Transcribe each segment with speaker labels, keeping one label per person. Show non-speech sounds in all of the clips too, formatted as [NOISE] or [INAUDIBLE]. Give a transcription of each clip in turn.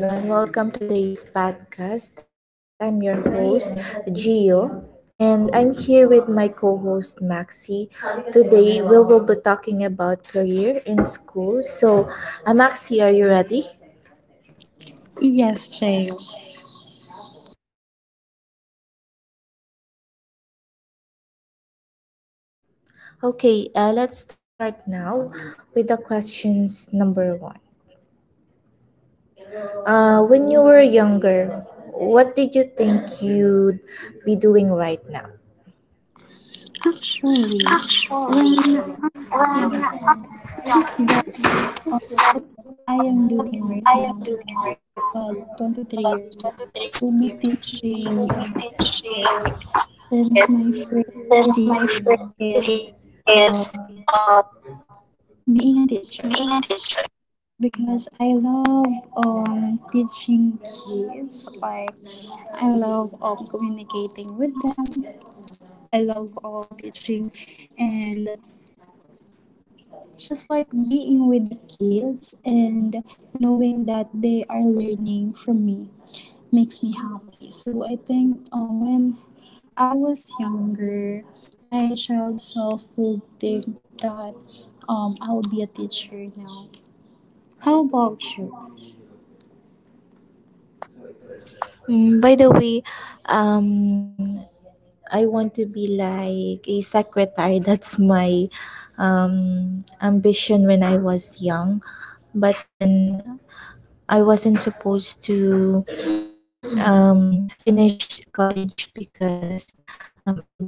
Speaker 1: Hello everyone, welcome to today's podcast. I'm your host, Gio, and I'm here with my co-host Maxi. Today we will be talking about career and school. So, Maxi, are you ready?
Speaker 2: Yes, Jail.
Speaker 1: Okay, let's start now with the questions number 1. When you were younger, what did you think you'd be doing right now?
Speaker 2: Actually, when I am the, uh, what I am doing right now, 23 years, will be teaching since my first career is uh, being a teacher because I love teaching kids. Like I love communicating with them. I love teaching and just like being with the kids and knowing that they are learning from me makes me happy, so I think when I was younger, my child self would think that I'll be a teacher now. How about you?
Speaker 1: By the way, um, I want to be like a secretary. [LAUGHS] That's my ambition when I was young. But then I wasn't supposed to finish college because um, I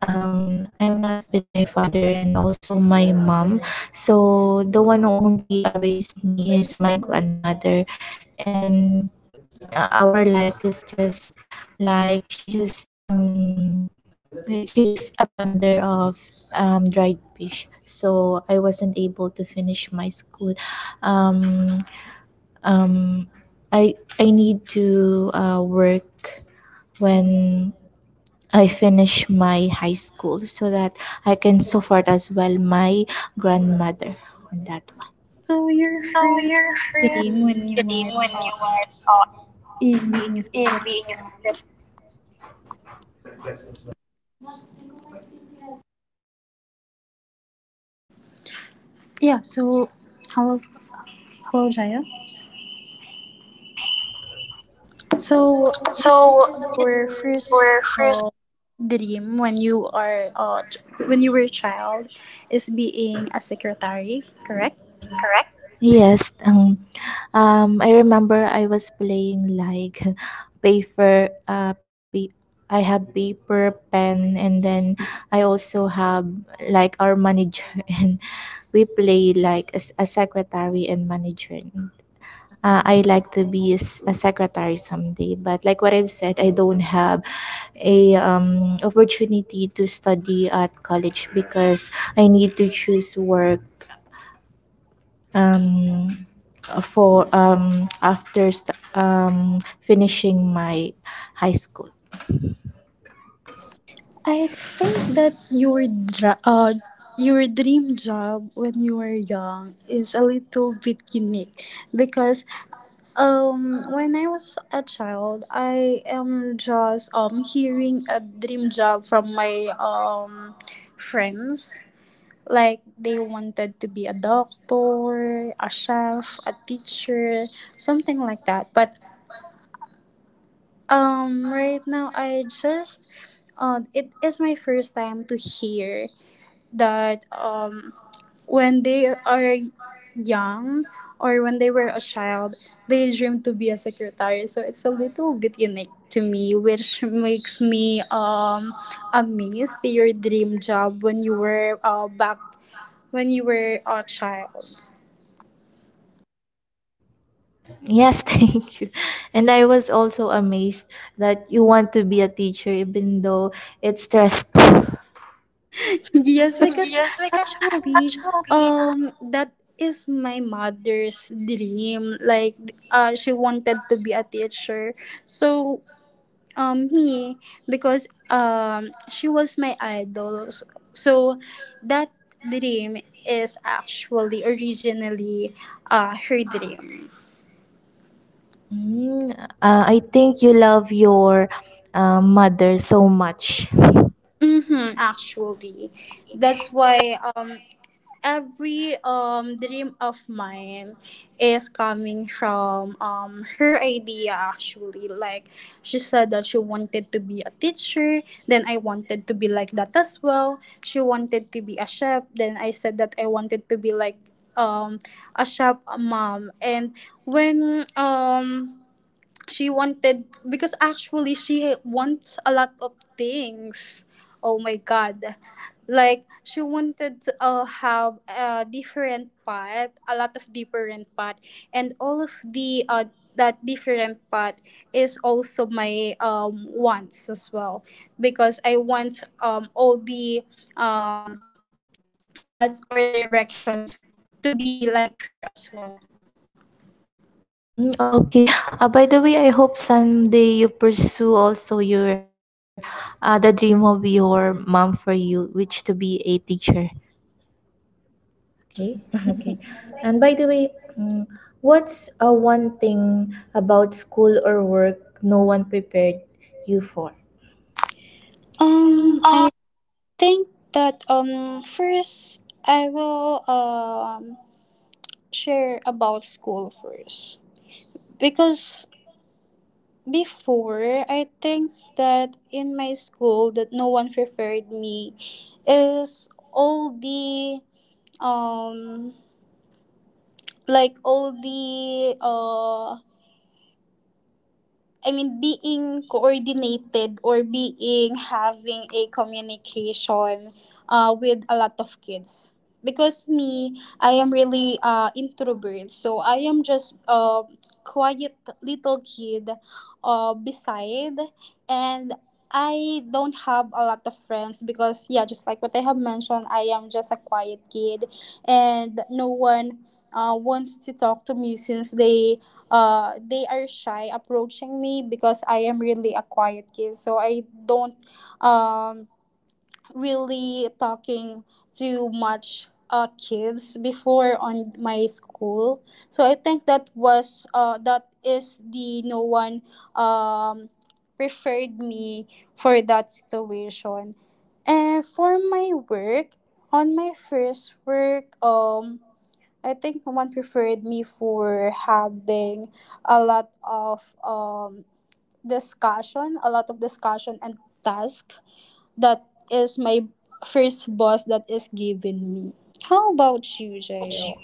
Speaker 1: I'm not with my father and also my mom. So the one who only raised me is my grandmother, and our life is just like she just a vendor of dried fish. So I wasn't able to finish my school. Um, um, I need to work when I finish my high school so that I can support as well my grandmother on that one.
Speaker 2: So your first dream when you were is being a secret, yeah, so hello, hello, Jaya. So you said your first uh, dream when you are when you were a child is being a secretary, correct?
Speaker 1: Yes, I remember I was playing like [LAUGHS] paper. I have paper, pen, and then I also have like our manager, [LAUGHS] and we play like as a secretary and manager. I like to be a secretary someday, but like what I've said, I don't have a opportunity to study at college because I need to choose work um, for after finishing my high school.
Speaker 2: I think that your your dream job when you were young is a little bit unique because when I was a child I am just hearing a dream job from my friends. Like they wanted to be a doctor, a chef, a teacher, something like that. But right now I just it is my first time to hear that when they are young or when they were a child, they dream to be a secretary. So it's a little bit unique to me, which makes me amazed your dream job when you were back when you were a child.
Speaker 1: Yes, [LAUGHS] thank you. And I was also amazed that you want to be a teacher even though it's stressful. [LAUGHS]
Speaker 2: Yes, because actually, that is my mother's dream. Like, she wanted to be a teacher. So, me because she was my idol. S- So, that dream is actually originally, her dream.
Speaker 1: Mm, I think you love your mother so much.
Speaker 2: Mm-hmm, actually, that's why every dream of mine is coming from her idea, actually. Like she said that she wanted to be a teacher, then I wanted to be like that as well. She wanted to be a chef, then I said that I wanted to be like um a chef mom. And when she wanted, because actually she wants a lot of things, oh my god, like she wanted to have a different part, a lot of different part, and all of the that different part is also my wants as well, because I want all the um paths or directions to be like her as well.
Speaker 1: Okay. By the way, I hope someday you pursue also your the dream of your mom for you, which to be a teacher. Okay. [LAUGHS] Okay. And by the way, mm, what's one thing about school or work no one prepared you for?
Speaker 2: I think that first I will share about school first, because before, I think that in my school that no one prepared me is all the um like all the I mean, being coordinated or being having a communication with a lot of kids. Because me, I am really introvert, so I am just a quiet little kid, beside, and I don't have a lot of friends because yeah, just like what I have mentioned, I am just a quiet kid, and no one wants to talk to me since they are shy approaching me because I am really a quiet kid. So I don't um really talking to much kids before on my school. So I think that was that is the no one um preferred me for that situation. And for my work, on my first work, I think no one preferred me for having a lot of discussion, a lot of discussion and task. That is my first boss that is given me. How about you, Jayo?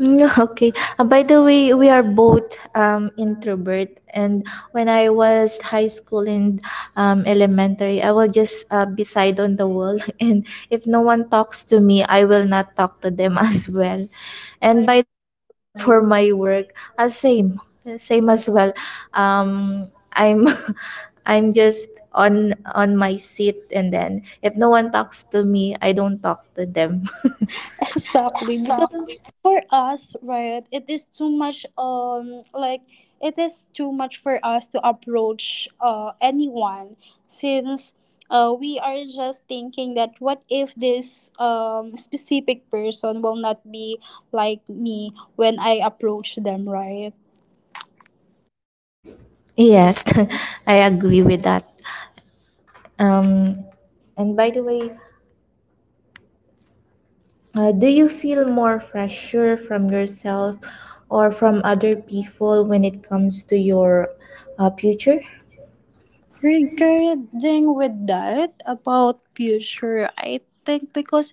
Speaker 1: [LAUGHS] Okay. By the way, we are both introvert, and when I was high school and elementary, I will just be side on the wall, [LAUGHS] and if no one talks to me, I will not talk to them [LAUGHS] as well. And by the way, for my work, same, same as well. Um, I'm, [LAUGHS] I'm just on my seat, and then if no one talks to me, I don't talk to them. [LAUGHS]
Speaker 2: [LAUGHS] Exactly, because for us, right, it is too much like it is too much for us to approach anyone, since we are just thinking that what if this specific person will not be like me when I approach them, right?
Speaker 1: Yes, [LAUGHS] I agree with that. Um, and by the way, do you feel more pressure from yourself or from other people when it comes to your future?
Speaker 2: Regarding with that about future, I think because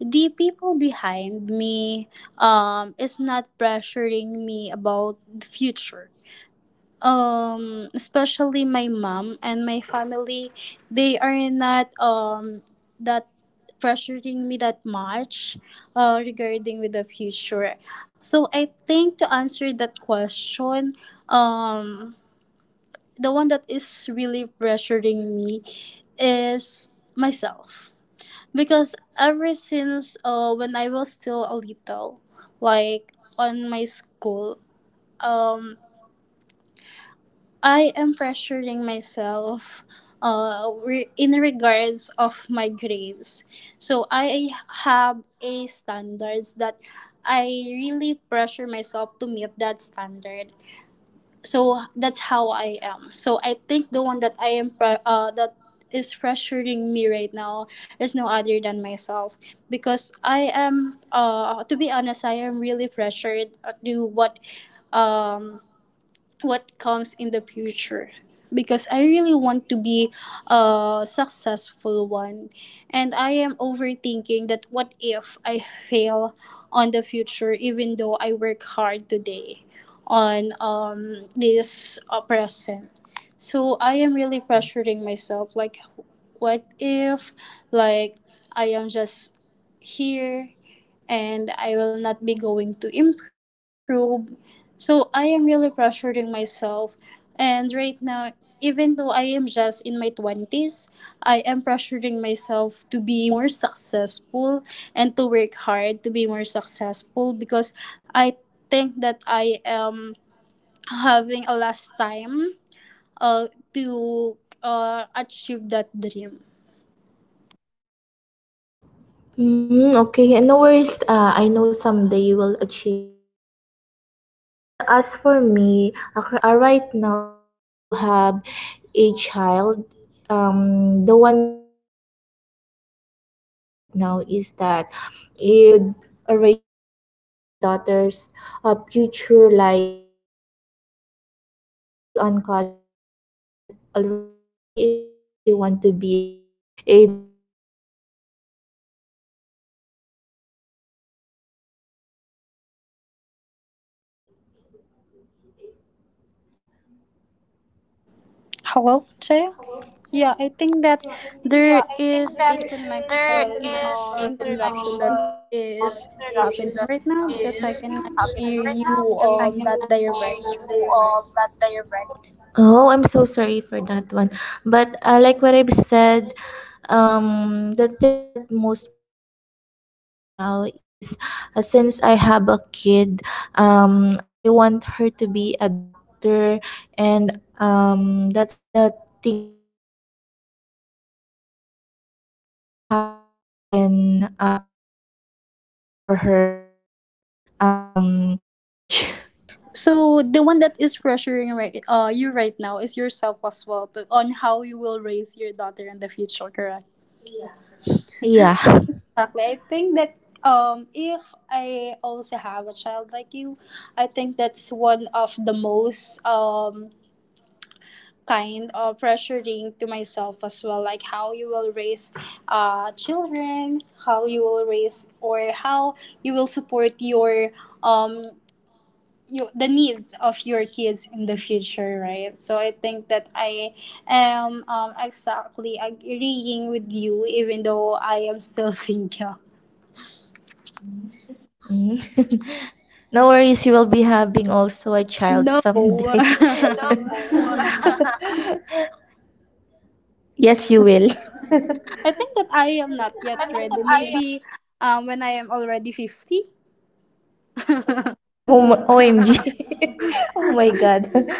Speaker 2: the people behind me is not pressuring me about the future. Um, especially my mom and my family, they are not that pressuring me that much regarding with the future. So I think to answer that question, um the one that is really pressuring me is myself, because ever since when I was still a little, like on my school, um, I am pressuring myself in regards of my grades. So I have a standards that I really pressure myself to meet that standard. So that's how I am. So I think the one that that is pressuring me right now is no other than myself, because I am to be honest, I am really pressured to do um what comes in the future, because I really want to be a successful one. And I am overthinking that what if I fail on the future even though I work hard today on this present. So I am really pressuring myself, like what if, like, I am just here and I will not be going to improve. So I am really pressuring myself. And right now, even though I am just in my 20s, I am pressuring myself to be more successful and to work hard to be more successful, because I think that I am having a last time uh, to achieve that dream.
Speaker 1: Okay, and no worries. I know someday you will achieve your dream. And as for me, right now, since I do have a child, the one which is pressuring me right now is that if I could raise my daughter's future like if she's on college already and she want to be like a doctor. [LAUGHS] How can I raise that?
Speaker 2: Hello, Jaya. Yeah, I think that there is a connection interruption that is happening right now, because I cannot hear you that direct.
Speaker 1: Oh, I'm so sorry for that one. But like what I've said, the thing that most pressure me right now is since I have a kid, I want her to be a doctor, and that's the thing that pressure me if how I can pay for her um, um, s- school for college.
Speaker 2: So the one that is pressuring you right now is yourself as well, to, on how you will raise your daughter in the future, correct? Yeah,
Speaker 1: [LAUGHS] Yeah.
Speaker 2: exactly. I think that if I also have a child like you, I think that's one of the most kind of pressuring to myself as well, like how you will raise children, how you will raise, or how you will support your um the needs of your kids in the future, right? So I think that I am exactly agreeing with you, even though I am still [LAUGHS] single.
Speaker 1: Mhm. [LAUGHS] No worries, you will be having also a
Speaker 2: No,
Speaker 1: child
Speaker 2: [LAUGHS]
Speaker 1: someday. [LAUGHS] Yes, you will. [LAUGHS]
Speaker 2: I think that I am not yet ready. Maybe when I am already 50,
Speaker 1: Oh, my, OMG. [LAUGHS] Oh my God. [LAUGHS]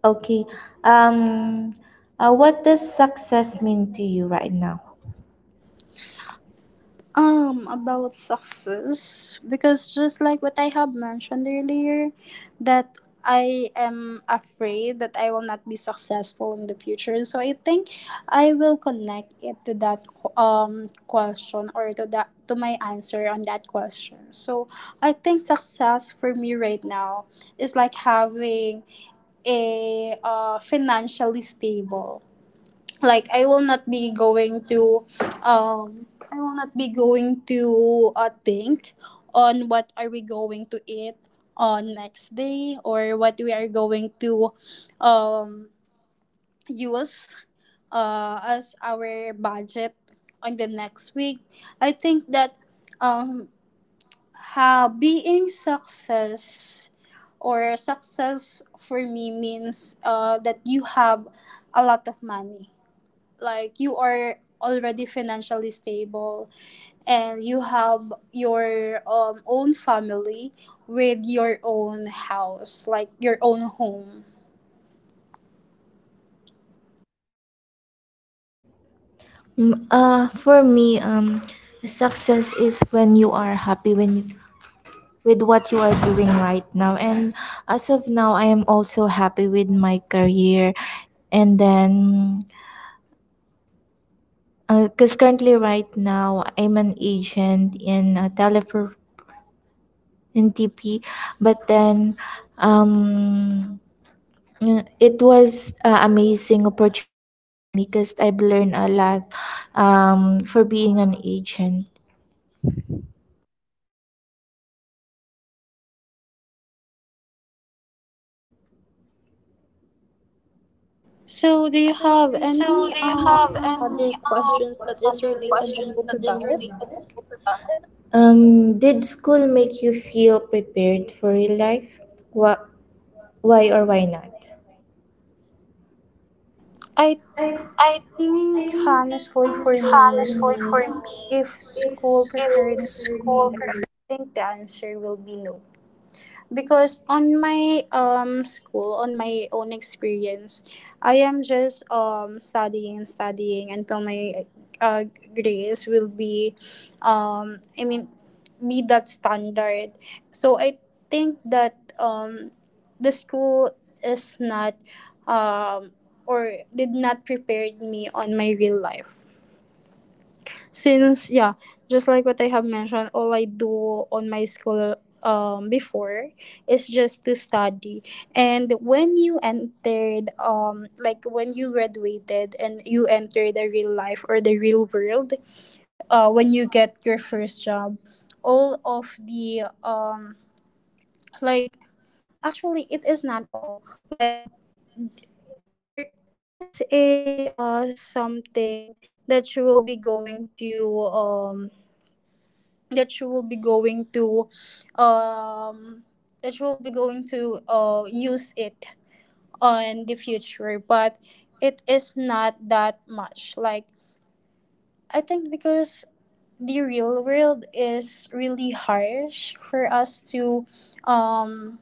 Speaker 1: Okay. Um, what does success mean to you right now?
Speaker 2: about success, because just like what I have mentioned earlier, that I am afraid that I will not be successful in the future, so I think I will connect it to that question, or to that to my answer on that question. So I think success for me right now is like having a financially stable, like I will not be going to um I will not be going to think on what are we going to eat on next day, or what we are going to um use as our budget on the next week. I think that um being success or success for me means that you have a lot of money, like you are already financially stable, and you have your own family with your own house, like your own home.
Speaker 1: For me, success is when you are happy when with what you are doing right now. And as of now, I am also happy with my career. And then, because currently, right now, I'm an agent in Telepro, in TP, but then um, it was amazing opportunity for me because I've learned a lot for being an agent.
Speaker 2: So do you have any other questions that is relatable to that?
Speaker 1: Did school make you feel prepared for real life? Wha- why or why not?
Speaker 2: I think honestly for me, if school preferred me, I think the answer will be no, because on my school, on my own experience, I am just studying and studying until my uh, grades will be um i mean meet that standard. So I think that the school is not um or did not prepare me on my real life, since yeah, just like what I have mentioned, all I do on my school before is just to study. And when you entered like when you graduated and you enter the real life or the real world, when you get your first job, all of the like, actually it is not all. Like, there is a something that you will be going to that she will be going to um that she will be going to use it on the future, but it is not that much. Like, I think because the real world is really harsh for us to um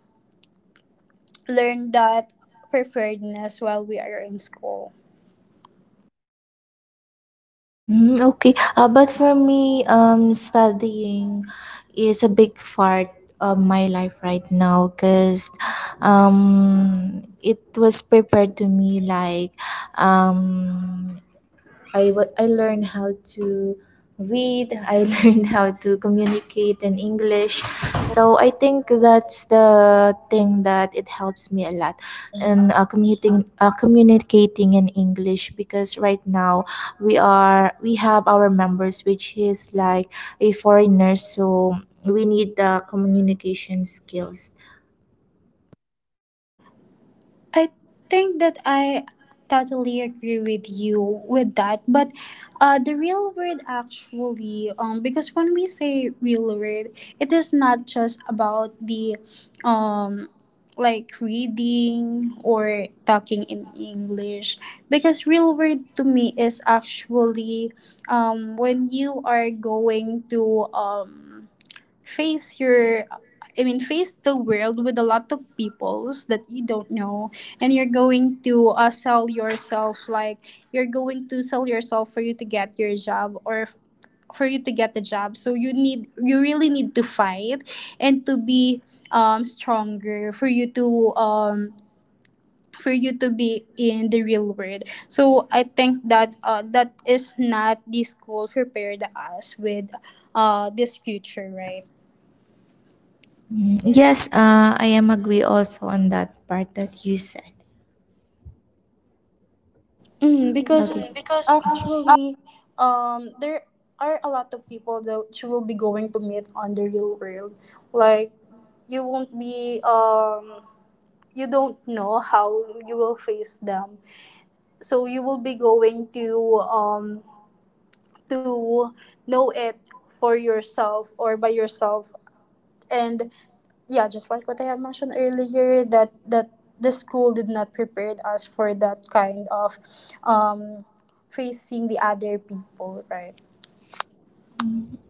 Speaker 2: learn that preparedness while we are in school.
Speaker 1: Okay. But for me, studying is a big part of my life right now because it was prepared to me like um, I learned how to read. I [LAUGHS] learned how to communicate in English. So I think that's the thing that it helps me a lot in communicating in English because right now we have our members which is like a foreigner, so we need the communication skills.
Speaker 2: I think that I totally agree with you with that, but the real word actually, because when we say real word, it is not just about the, um, like reading or talking in English, because real word to me is actually, when you are going to face your, I mean, face the world with a lot of peoples that you don't know, and you're going to sell yourself, like you're going to sell yourself for you to get your job, or for you to get the job. So you need, you really need to fight and to be stronger for you to be in the real world. So I think that that is not the school prepared us with this future, right?
Speaker 1: Yes, I am agree also on that part that you said.
Speaker 2: Mm, because
Speaker 1: Okay.
Speaker 2: actually, there are a lot of people that you will be going to meet on the real world. Like, you won't be, you don't know how you will face them. So you will be going to know it for yourself or by yourself. And yeah, just like what I have mentioned earlier, that the school did not prepare us for that kind of, um, facing the other people, right?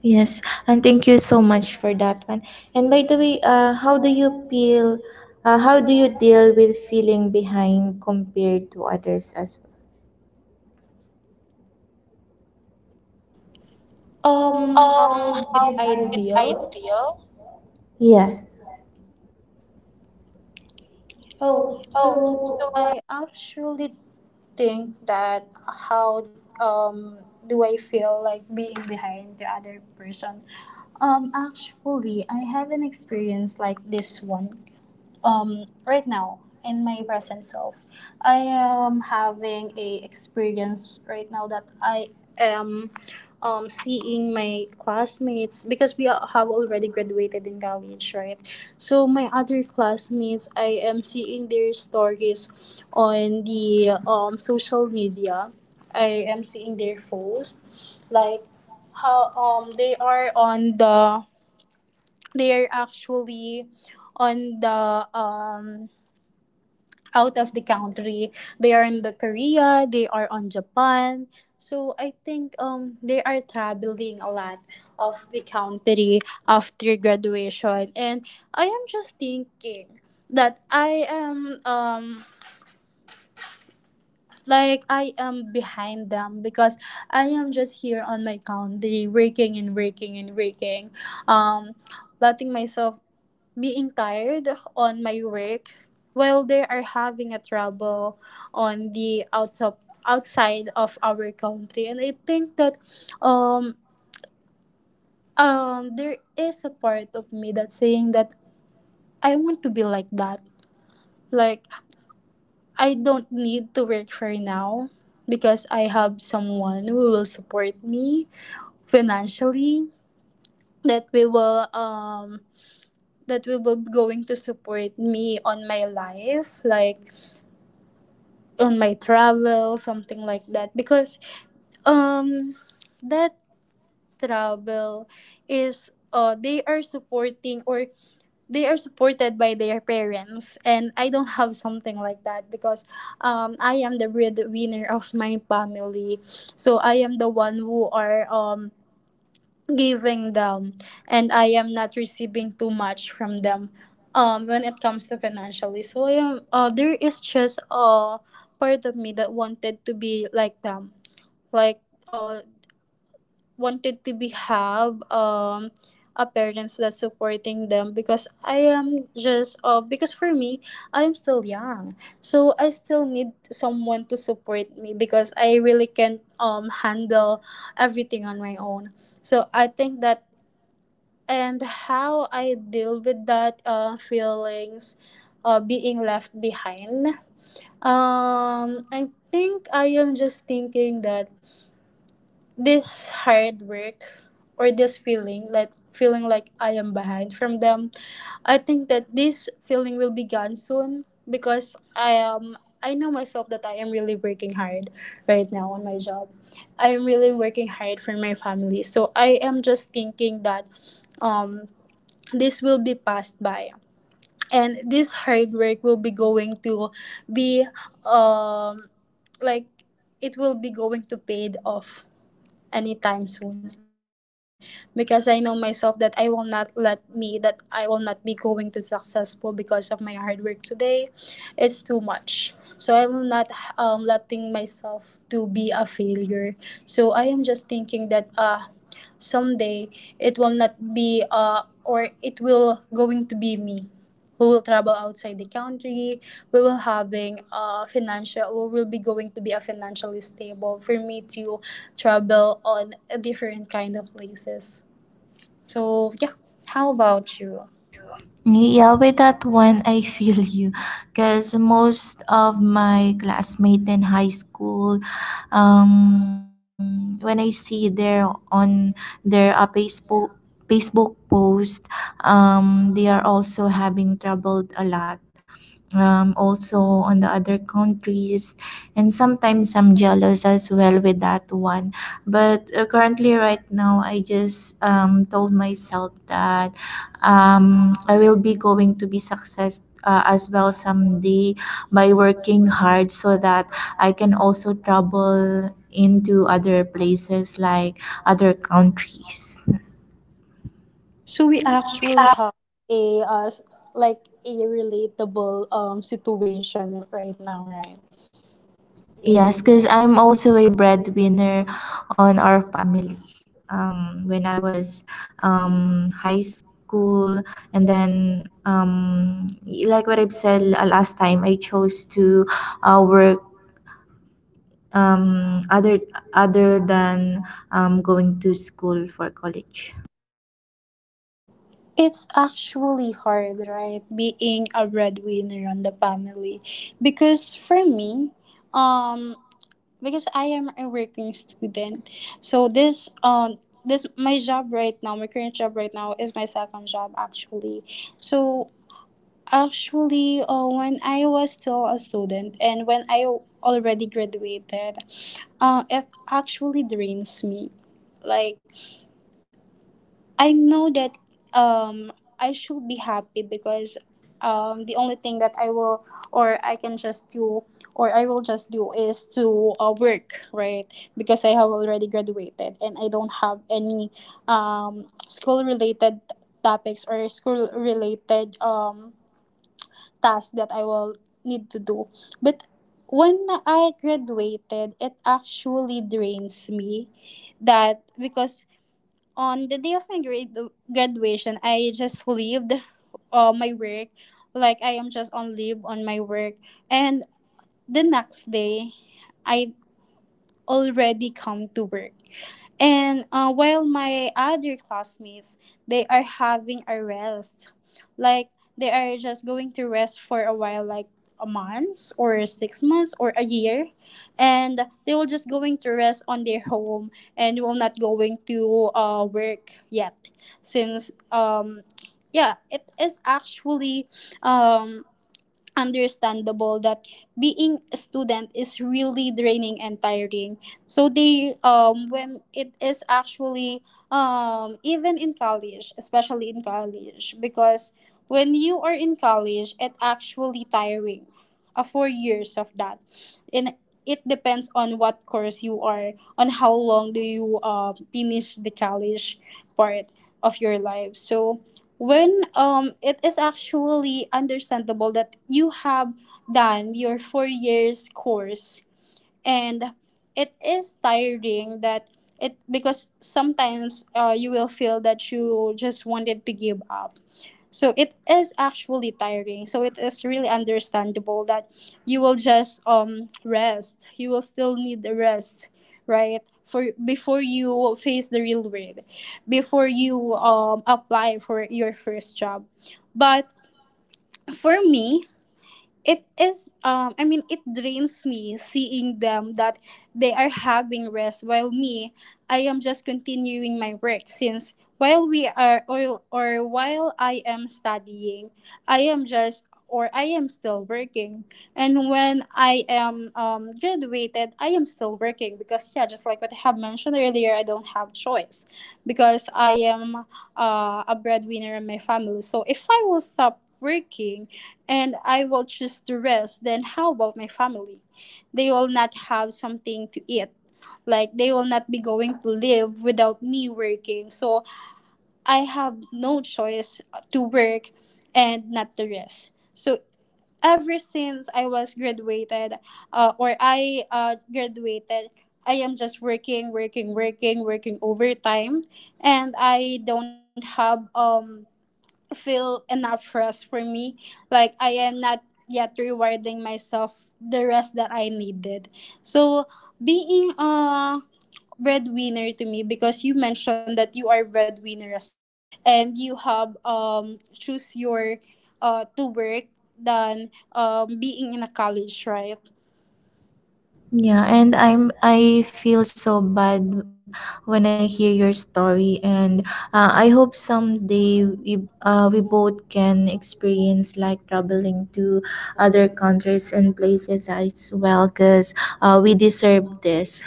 Speaker 1: Yes, and thank you so much for that one. And by the way, how do you feel? How do you deal with feeling behind compared to others as well?
Speaker 2: How did I deal?
Speaker 1: Yeah.
Speaker 2: Oh, so I actually think that, how um do I feel like being behind the other person? Actually, I have an experience like this one. Right now in my present self, I am having a experience right now that I am seeing my classmates, because we have already graduated in college, right? So my other classmates, I am seeing their stories on the social media. I am seeing their posts, like, how they are on the, they are actually on the um out of the country. They are in the Korea, they are on Japan. So I think they are traveling a lot of the country after graduation. And I am just thinking that I am like I am behind them, because I am just here on my country working and working and working. Um Letting myself being tired on my work, while they are having a trouble on the out of, outside of our country. And I think that um there is a part of me that's saying that I want to be like that, like, I don't need to work for now, because I have someone who will support me financially, that we will, going to support me on my life, like on my travel, something like that. Because um that travel, is they are supporting, or they are supported by their parents. And I don't have something like that, because I am the breadwinner of my family. So I am the one who are giving them, and I am not receiving too much from them when it comes to financially. So there is just a part of me that wanted to be like them, like, uh wanted to be have a parents that's supporting them. Because I am just because for me, I am still young, so I still need someone to support me, because I really can't handle everything on my own. So I think that, and how I deal with that, feelings, being left behind. I think I am just thinking that this hard work, or this feeling, like, I am behind from them. I think that this feeling will be gone soon, because I know myself that I am really working hard right now on my job. I am really working hard for my family. So I am just thinking that um this will be passed by, and this hard work will be going to be, um like, it will be going to paid off anytime soon, because I know myself that I will not let me that I will not be going to successful because of my hard work today. It's too much. So I will not letting myself to be a failure. So I am just thinking that, someday, it will not be, or it will going to be me, we will travel outside the country, we will having a financial, we will be going to be a financially stable for me to travel on a different kind of places. So yeah, how about you?
Speaker 1: Yeah, with that one, I [LAUGHS] feel you. Because most of my classmates in high school, when I see their on their Facebook, post, they are also having troubled a lot, also on the other countries, and sometimes I'm jealous as well with that one. But currently right now I just told myself that I will be going to be success as well someday by working hard so that I can also travel into other places like other countries.
Speaker 2: So we actually have a, like a relatable situation right now, right?
Speaker 1: Yes, because I'm also a breadwinner on our family. When I was high school, and then like what I've said last time, I chose to work um, other other than going to school for college.
Speaker 2: It's actually hard, right, being a breadwinner on the family, because for me, um because I am a working student. So this my job right now, my current job right now is my second job, actually. So actually, when I was still a student, and when I already graduated, it actually drains me. Like, I know that um I should be happy, because the only thing that I will, or I can just do, or I will just do, is to work, right? Because I have already graduated and I don't have any school related topics, or school related tasks that I will need to do. But when I graduated, it actually drains me, that because on the day of my graduation, I just leaved my work. Like, I am just on leave on my work. And the next day, I already come to work. And while my other classmates, they are having a rest. Like, they are just going to rest for a while, like a month or 6 months or a year. And they will just going to rest on their home, and will not going to work yet. Since, yeah, it is actually um, understandable that being a student is really draining and tiring, so they when it is actually, even in college, especially in college, because when you are in college it actually tiring, 4 years of that. And it depends on what course you are, on how long do you finish the college part of your life. So when it is actually understandable that you have done your 4 years course, and it is tiring, that it, because sometimes you will feel that you just wanted to give up. So it is actually tiring, so it is really understandable that you will just rest, you will still need the rest, right, for before you face the real world, before you apply for your first job. But for me, it is, I mean, it drains me seeing them that they are having rest, while me, I am just continuing my work, since while we are, or while I am studying. I am just, or I am still working. And when I am, graduated, I am still working, because yeah, just like what I have mentioned earlier, I don't have choice. Because I am, a breadwinner in my family, so if I will stop working and I will choose to rest, then how about my family? They will not have something to eat. Like, they will not be going to live without me working. So I have no choice to work and not to rest. So ever since I was graduated, or I, graduated, I am just working, working, working, working overtime, and I don't have feel enough rest for me. Like, I am not yet rewarding myself the rest that I needed. So being a breadwinner to me, because you mentioned that you are breadwinner as well, and you have choose your, to work, than being in a college, right?
Speaker 1: Yeah, and I feel so bad when I hear your story, and I hope someday we both can experience like traveling to other countries and places as well, cause we deserve this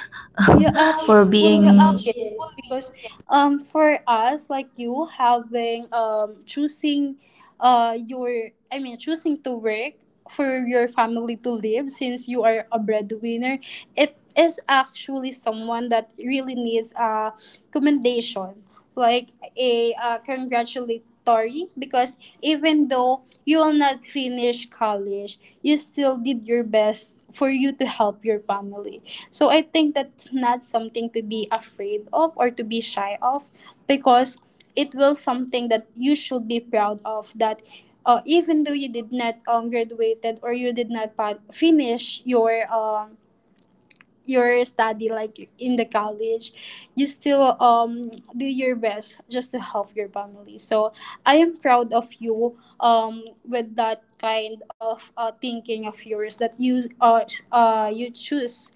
Speaker 2: Yeah,
Speaker 1: [LAUGHS]
Speaker 2: actually,
Speaker 1: for being.
Speaker 2: yes. Because for us, like you having choosing, your I mean, choosing to work for your family to live, since you are a breadwinner, it is actually someone that really needs a commendation, like a, congratulatory, because even though you will not finish college, you still did your best for you to help your family. So I think that's not something to be afraid of or to be shy of, because it will something that you should be proud of, that even though you did not graduated, or you did not finish your, study, like in the college, you still do your best just to help your family. So I am proud of you, with that kind of, thinking of yours, that you choose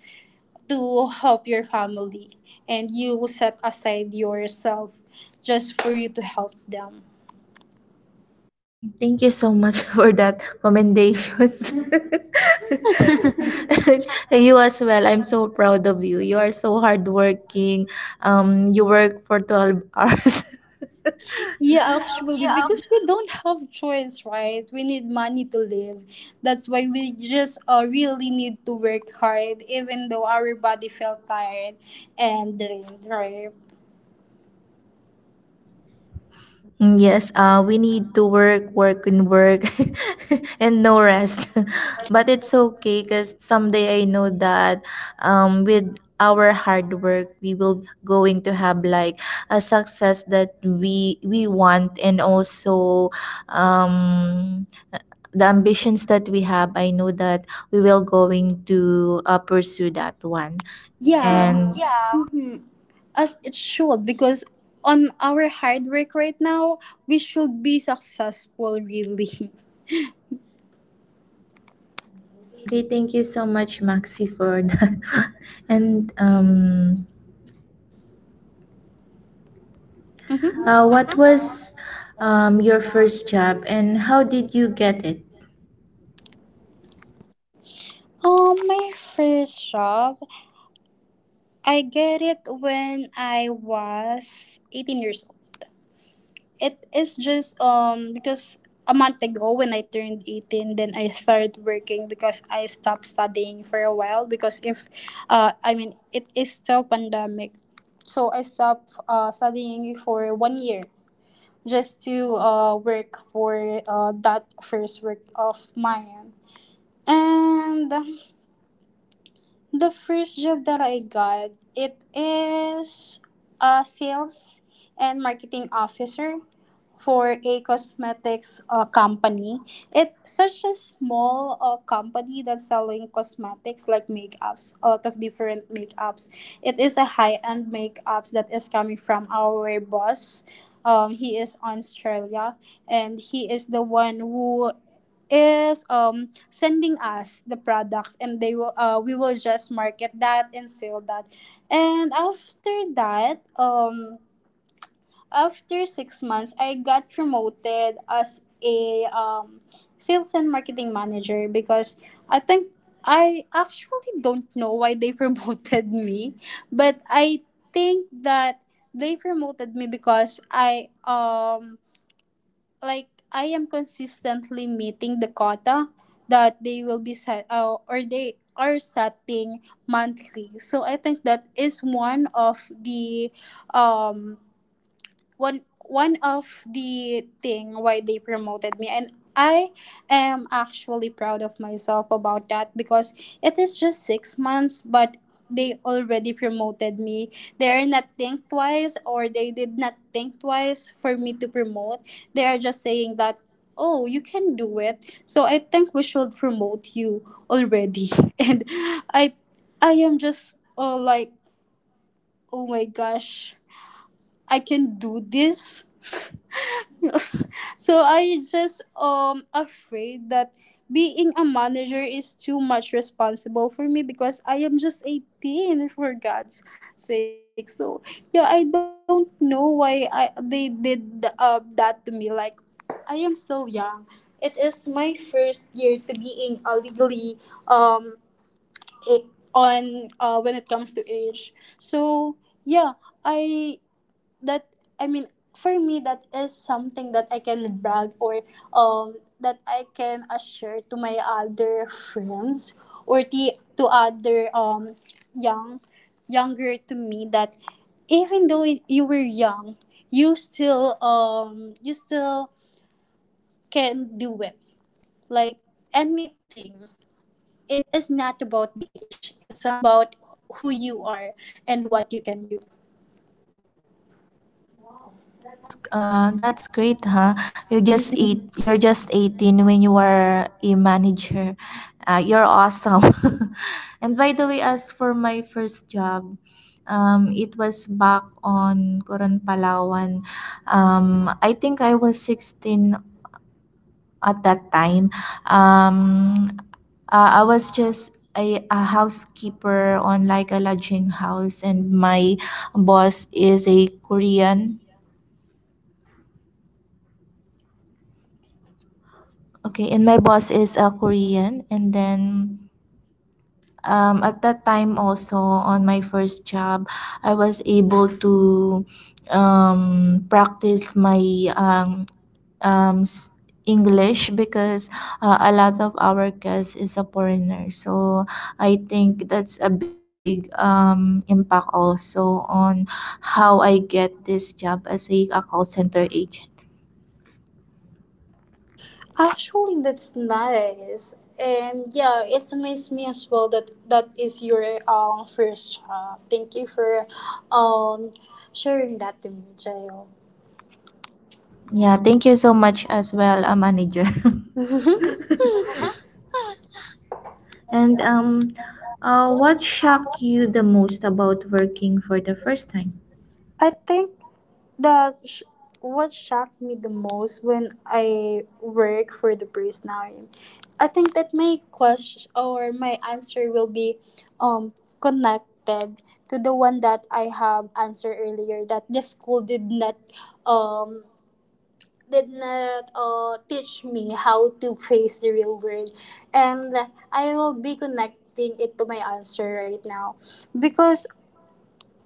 Speaker 2: to help your family, and you set aside yourself just for you to help them.
Speaker 1: Thank you so much [LAUGHS] for that commendations. [LAUGHS] You as well. I'm so proud of you. You are so hardworking. You work for 12 hours. [LAUGHS]
Speaker 2: Yeah, actually, because we don't have choice, right? We need money to live. That's why we just, really need to work hard, even though our body felt tired and drained, right?
Speaker 1: Yes, we need to work, work, and work, [LAUGHS] and no rest. [LAUGHS] But it's okay because someday I know that with our hard work, we will going to have like a success that we want, and also um, the ambitions that we have. I know that we will going to pursue that one,
Speaker 2: Yeah,
Speaker 1: and.
Speaker 2: mm-hmm. As it should, because on our hard work right now, we should be successful, really. [LAUGHS]
Speaker 1: Okay, thank you so much, Maxi, for that. [LAUGHS] And
Speaker 2: Mm-hmm.
Speaker 1: what was your first job and how did you get it?
Speaker 2: My first job, I get it when I was 18 years old. It is just because a month ago when I turned 18, then I started working, because I stopped studying for a while, because if I mean, it is still pandemic. So I stopped studying for 1 year just to work for that first work of mine. And the first job that I got, it is a sales and marketing officer for a cosmetics, company. It's such a small, company that's selling cosmetics, like makeups, a lot of different makeups. It is a high-end makeups that is coming from our boss. He is on Australia, and he is the one who is sending us the products, and they will we will just market that and sell that. And after that, after 6 months, I got promoted as a sales and marketing manager because i think I actually don't know why they [LAUGHS] promoted me, but I think that they promoted me because I like I am consistently meeting the quota that they will be set or they are setting monthly. So I think that is one of the um one of the thing why they promoted me, and I am actually proud of myself about that because it is just 6 months, but they already promoted me. They are not think twice, or they did not think twice for me to promote. They are just saying that, oh, you can do it, so I think we should promote you already. [LAUGHS] And i I am just like, oh my gosh, I can do this. [LAUGHS] So I just afraid that being a manager is too much responsible for me because I am just 18 for God's sake. So yeah, I don't know why I they did that to me, like I am still young. It is my first year to being legally, um it on when it comes to age. So yeah, I that I mean for me, that is something that I can brag, or that I can assure to my other friends, or the to other young younger to me that even though you were young, you still can do it, like anything. It is not about the age, it's about who you are and what you can do.
Speaker 1: Wow, that's great, huh? You're just 18 when you were a manager. You're awesome. [LAUGHS] And by the way, as for my first job, it was back on Coron Palawan. I think I was 16 at that time. um I was just a housekeeper on like a lodging house, and my boss is a Korean. Okay, and my boss is a Korean, and then at that time also on my first job, I was able to practice my um, um, s- English because a lot of our guests is a foreigner. So I think that's a big impact also on how I get this job as a call center agent.
Speaker 2: Actually, that's nice, and yeah, it's amazed me as well that that is your first job. Thank you for um sharing that to me, Jail.
Speaker 1: Yeah, thank you so much as well, a manager. [LAUGHS]
Speaker 2: Yeah.
Speaker 1: And
Speaker 2: [LAUGHS]
Speaker 1: what shocked you the most about working for the first time?
Speaker 2: I think that what shocked me the most when I work for the Prisnarium, I think that my question or my answer will be um connected to the one that I have answered earlier, that the school did not um teach me how to face the real world, and I will be connecting it to my answer right now because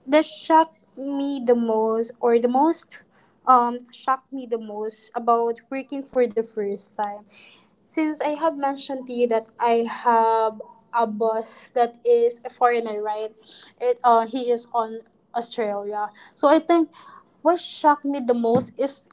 Speaker 2: the shocked me the most, or the most shocked me the most about working for the first time. Since I have mentioned to you that I have a boss that is a foreigner, right? it He is on Australia. So I think what shocked me the most is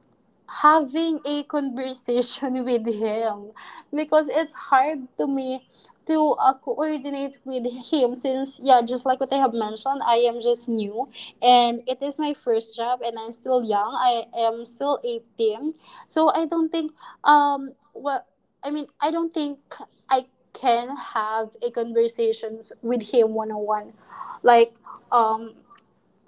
Speaker 2: having a conversation [LAUGHS] with him because it's hard to me to coordinate with him since, yeah, just like what I have mentioned, I am just new, and it is my first job, and I'm still young, I am still 18. So um what I don't think I can have a conversations with him one-on-one, like, um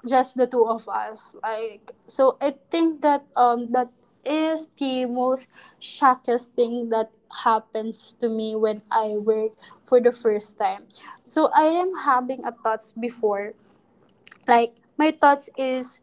Speaker 2: just the two of us, like. So I think that that is the most shockest thing that happens to me when I work for the first time. So I am having a thoughts before. Like, my thoughts is,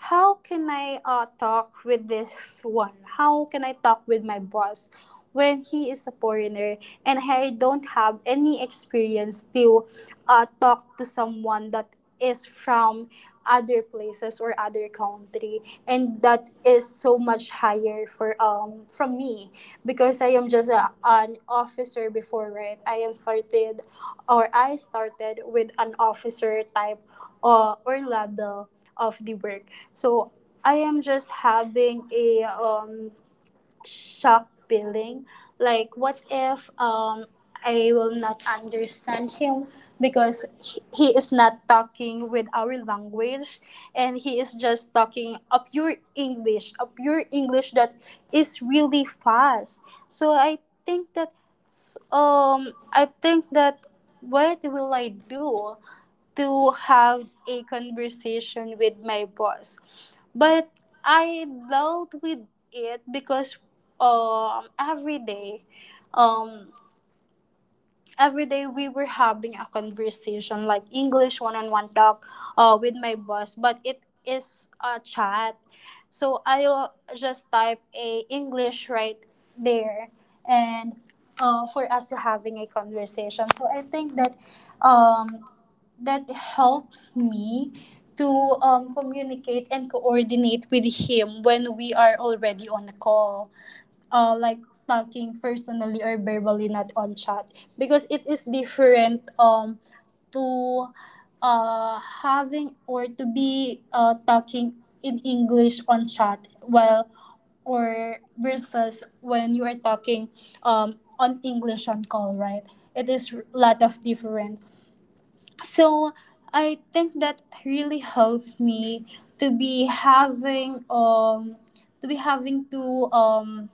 Speaker 2: how can I talk with this one? How can I talk with my boss when he is a foreigner, and I don't have any experience to talk to someone that is from other places or other country, and that is so much higher for from me because I am just an officer before, right? I am started or I started with an officer type or level of the work. So I am just having a shock feeling. Like, what if I will not understand him because he is not talking with our language, and he is just talking a pure English that is really fast. So think that I think that what will I do to have a conversation with my boss? But I dealt with it because um every day, um every day we were having a conversation, like English one-on-one talk, with my boss, but it is a chat. So I'll just type a English right there, and for us to having a conversation. So I think that um that helps me to communicate and coordinate with him when we are already on a call, like talking personally or verbally, not on chat, because it is different to having or to be talking in English on chat while or versus when you are talking on English on call, right? It is a lot of different. So I think that really helps me to be having to be having to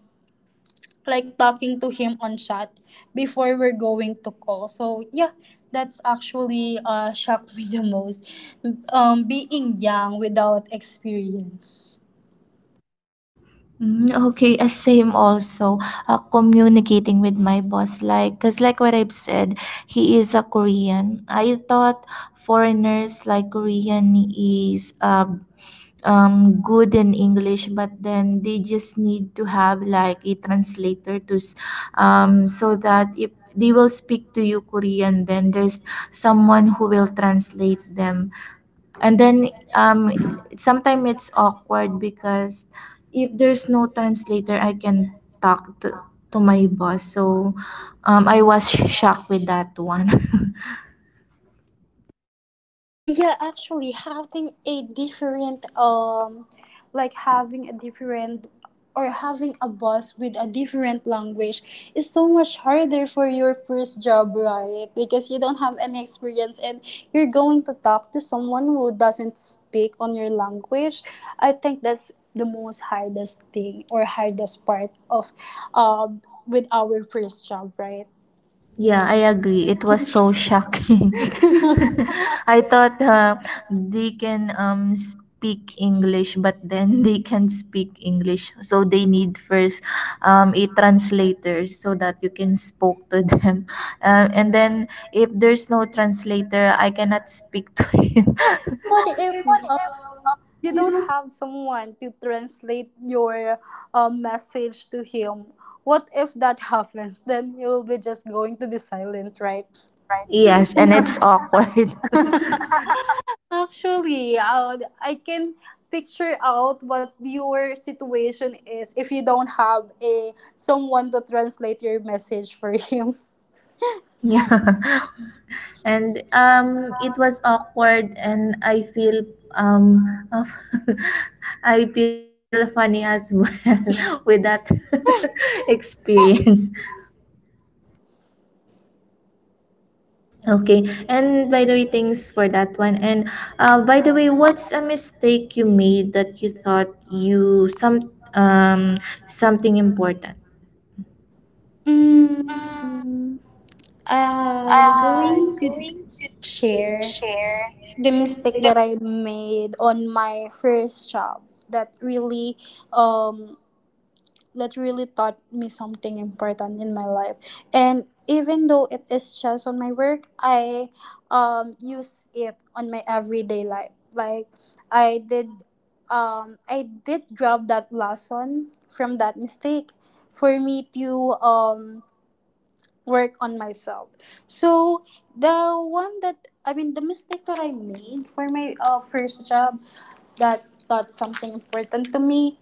Speaker 2: like talking to him on chat before we're going to call. So yeah, that's actually shocked me the most. Being young without experience.
Speaker 1: Okay, same also. Communicating with my boss, like, cause like what I've said, he is a Korean. I thought foreigners like Korean is good in English, but then they just need to have like a translator so that if they will speak to you Korean, then there's someone who will translate them. And then sometimes it's awkward because if there's no translator, I can talk to my boss. So I was [LAUGHS] shocked with that one. [LAUGHS]
Speaker 2: Yeah, actually, having a different, or having a boss with a different language is so much harder for your first job, right? Because you don't have any experience, and you're going to talk to someone who doesn't speak on your language. I think that's the most hardest thing, or hardest part of with our first job, right?
Speaker 1: Yeah, I agree. It was so shocking. [LAUGHS] I thought they can speak English, but then [LAUGHS] they can speak English. So they need first a translator so that you can spoke to [LAUGHS] them. And then if there's no translator, I cannot speak to him.
Speaker 2: What if you don't have someone to translate your message to him. What if that [LAUGHS] happens? Then you'll be just going to be silent, right?
Speaker 1: [LAUGHS] Yes, and it's awkward. [LAUGHS]
Speaker 2: Actually, I can picture out what your situation is if you don't have a someone to translate your message for him.
Speaker 1: Yeah. [LAUGHS] And it was awkward, and um, of- [LAUGHS] I feel funny as well [LAUGHS] with that [LAUGHS]
Speaker 2: [LAUGHS]
Speaker 1: experience. Okay. And by the way, thanks for that one. And by the way, what's a mistake you made that you thought you some something important?
Speaker 2: Mm, I'm going to share the mistake that I made on my first job that really um that really taught me something important in my life. And even though it is just on my work, I use it on my everyday life. Like I did I did grab that lesson from that mistake for me to work on myself. So the mistake that I made for my first job that taught something important to me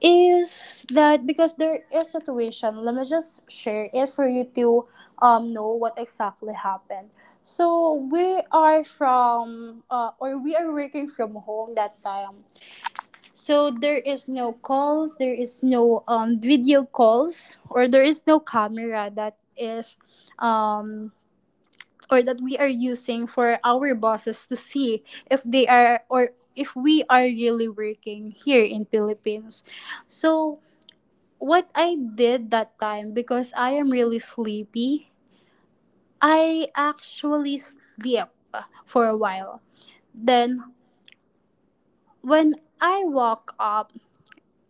Speaker 2: is that, because there is a situation, let me just share it for you to know what exactly happened. So we are working from home that time, so there is no calls, there is no video calls, or there is no camera that is um, or that we are using for our bosses to see if they are, or if we are really working here in Philippines. So what I did that time, because I am really sleepy, I actually sleep for a while. Then when I woke up,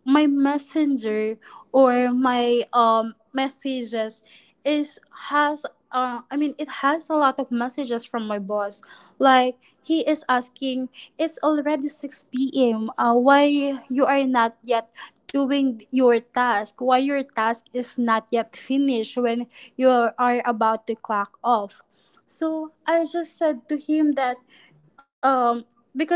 Speaker 2: my messenger, or my messages is has I mean it has a lot of messages from my boss. Like he is asking, it's already 6 p.m. Why you are not yet doing your task? Why your task is not yet finished when you are about to clock off? So I just said to him that, um because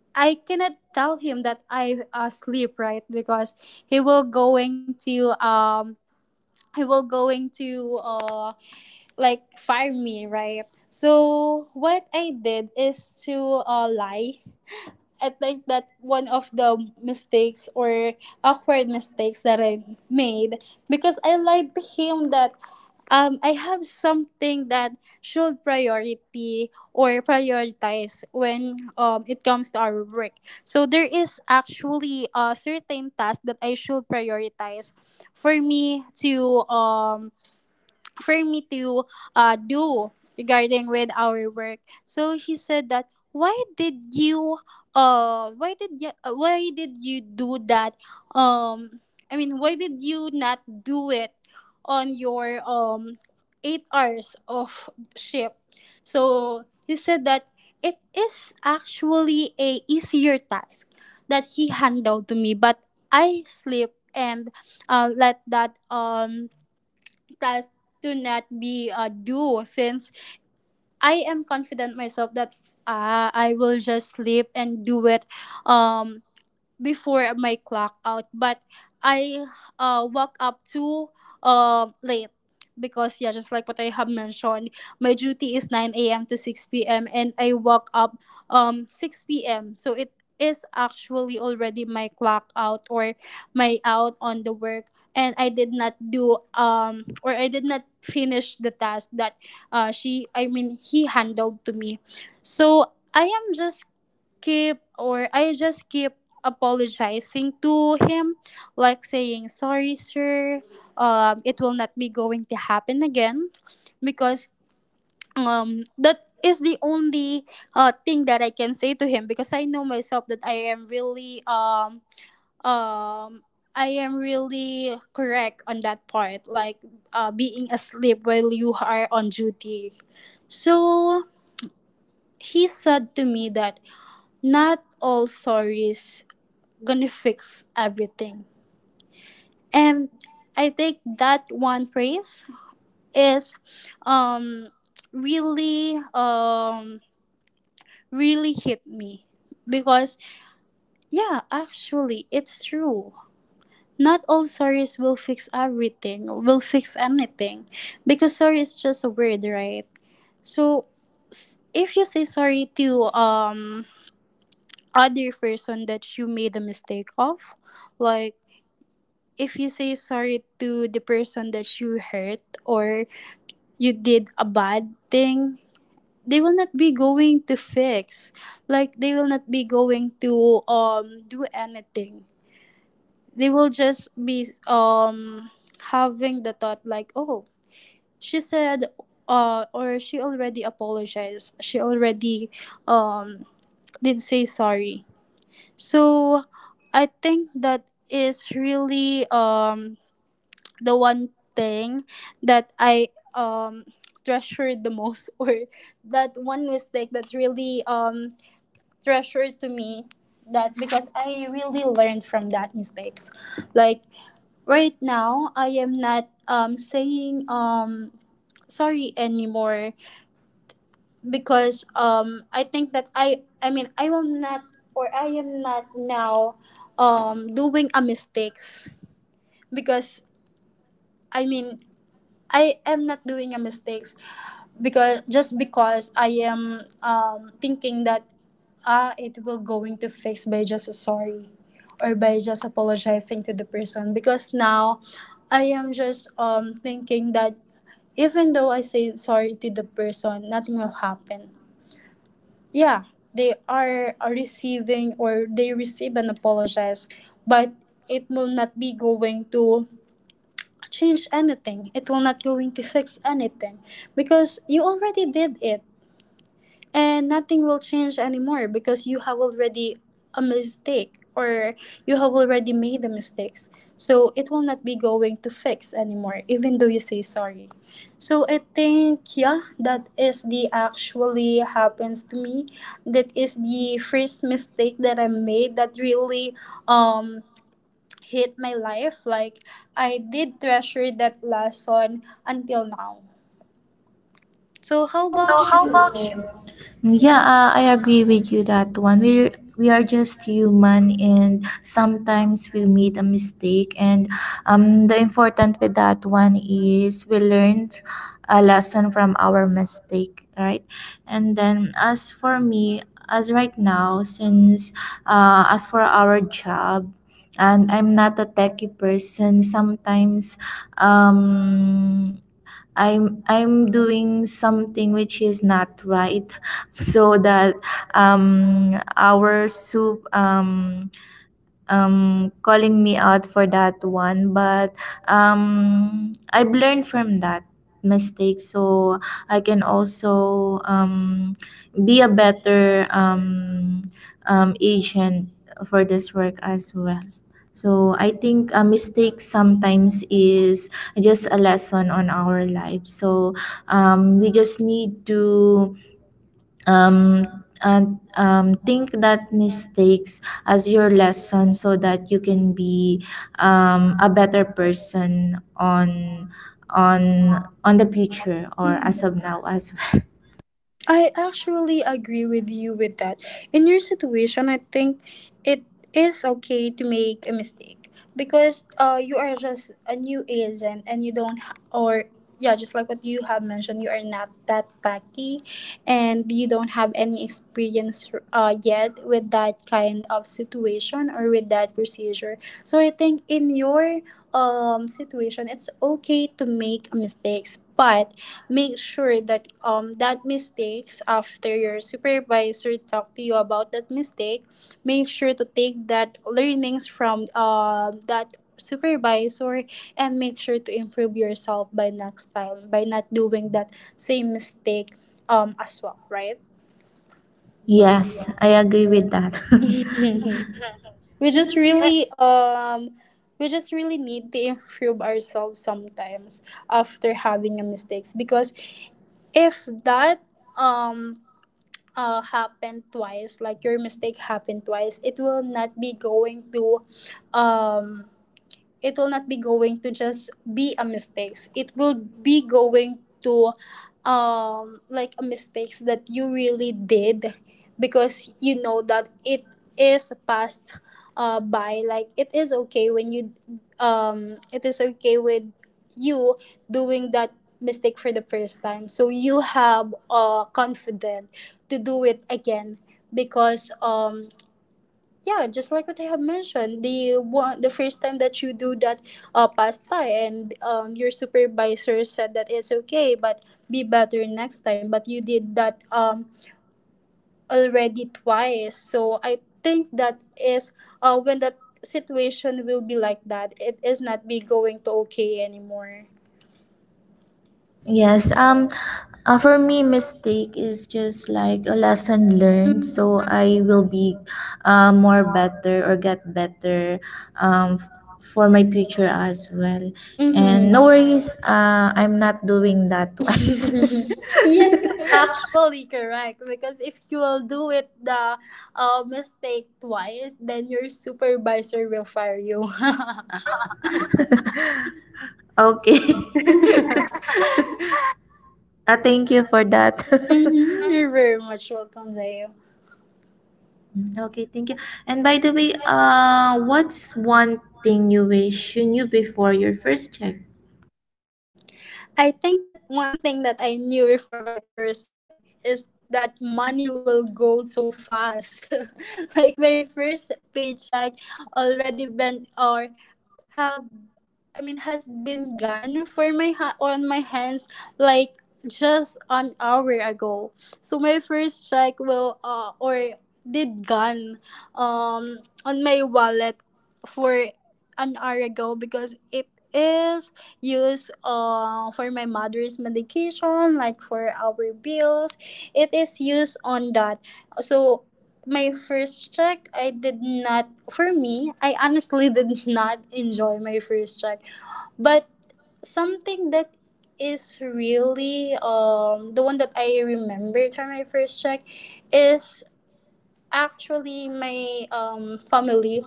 Speaker 2: I cannot tell him that I asleep, right? Because he will going to um he will going to like fire me, right? So what I did is to lie. I think that one of the mistakes, or awkward mistakes that I made, because I lied to him that I have something that should priority or prioritize when it comes to our work. So there is actually a certain task that I should prioritize for me to um, for me to do regarding with our work. So he said that, why did you do that, um why did you not do it on your 8 hours of shift? So he said that it is actually a easier task that he handled to me, but I sleep and let that does to not be a do since I am confident myself that I will just sleep and do it um before my clock out, but I woke up too late. Because, yeah, just like what I have mentioned, my duty is 9 a.m. to 6 p.m., and I woke up 6 p.m., so it is actually already my clock out, or my out on the work, and I did not finish the task that she I mean he handled to me. So i am just I just keep apologizing to him, like saying, sorry, sir, it will not be going to happen again. Because that is the only thing that I can say to him because I know myself that um, I am really correct on that part, like being asleep while you are on duty. So he said to me that not all stories gonna fix everything. And I think that one phrase is um really um really hit me because, yeah, actually it's true. Not all stories will fix everything, will fix anything, because sorry is just a word, right? So if you say sorry to other person that you made a mistake of, like if you say sorry to the person that you hurt or you did a bad thing, they will not be going to fix, like they will not be going to do anything, they will just be having the thought like, oh, she said, or she already apologized, she already um did say sorry. So I think that is really the one thing that I treasured the most, [LAUGHS] or that one mistake that really treasured to me, that because I really learned from that mistakes. Like right now I am not saying sorry anymore, because I think that I mean I will not, or I am not now doing a mistakes, because I mean I am not doing a mistakes, because just because I am, thinking that, ah, it will going to fix by just a sorry or by just apologizing to the person, because now I am just thinking that even though I say sorry to the person nothing will happen, yeah, they are receiving, or they receive and apologize, but it will not be going to change anything, it will not going to fix anything, because you already did it and nothing will change anymore because you have already a mistake, or you have already made the mistakes, so it will not be going to fix anymore even though you say sorry. So I think, yeah, that is the actually happens to me. That is the first mistake that I made that really um hit my life, like I did treasure that lesson until now. So how about you? Yeah.
Speaker 1: Yeah, I agree with you that one. We are just human, and sometimes we made a mistake. And the important with that one is we learned a lesson from our mistake, right? And then as for me, as right now, since as for our job, and I'm not a techie person. Sometimes, um, I'm doing something which is not right, [LAUGHS] so that um, our soup calling me out for that one, but I've learned from that mistake, so I can also be a better agent for this work as well. So I think a mistake sometimes is just a lesson on our life. So we just need to um, and think that mistakes as your lesson so that you can be a better person on on the future or
Speaker 2: Mhm.
Speaker 1: as of now as well.
Speaker 2: I actually agree with you with that. In your situation, I think it is okay to make a mistake, because you are just a new agent and you don't ha- or yeah, just like what you have mentioned, you are not that tacky and you don't have any experience yet with that kind of situation or with that procedure. So I think in your situation, it's okay to make mistakes, but make sure that that mistakes, after your supervisor talk to you about that mistake, make sure to take that learnings from that supervisor, and make sure to improve yourself by next time by not doing that same mistake as well, right?
Speaker 1: [LAUGHS]
Speaker 2: Yeah,
Speaker 1: Yes, I agree with that. [LAUGHS]
Speaker 2: [LAUGHS] we just really um we just really need to improve ourselves sometimes after having a mistakes, because if that um happen twice, like your mistake happened twice, it will not be going to, um, it will not be going to just be a mistakes, it will be going to like a mistakes that you really did, because you know that it is passed by, like it is okay when you it is okay with you doing that mistake for the first time, so you have confident to do it again, because yeah, just like what I have mentioned, the one the first time that you do that passed by, and your supervisor said that it's okay but be better next time, but you did that already twice, so I think that is when that situation will be like that, it is not be going to okay anymore.
Speaker 1: Yes, for me, mistake is just like a lesson learned. So I will be more better or get better, for my future as well. And
Speaker 2: Mm-hmm.
Speaker 1: no worries, I'm not doing that twice.
Speaker 2: [LAUGHS] Yes, you actually correct. Because if you will do it the mistake twice, then your supervisor will fire you. [LAUGHS]
Speaker 1: [LAUGHS] Okay. [LAUGHS] Thank you for that.
Speaker 2: Mm-hmm,
Speaker 1: [LAUGHS]
Speaker 2: you're very much welcome, Zayo.
Speaker 1: Mm, okay, thank you. And by the way, what's one thing you wish you knew before your first check?
Speaker 2: I think that one thing that I knew before my first check is that money will go so fast. [LAUGHS] Like my first paycheck already bent, or have, I mean has been gone for my on my hands, like just an hour ago. So my first check will, or did, gone on my wallet for an hour ago, because it is used for my mother's medication, like for our bills, it is used on that. So my first check, I did not, for me, I honestly did not enjoy my first check, but something that is really the one that I remembered from my first check is actually my family.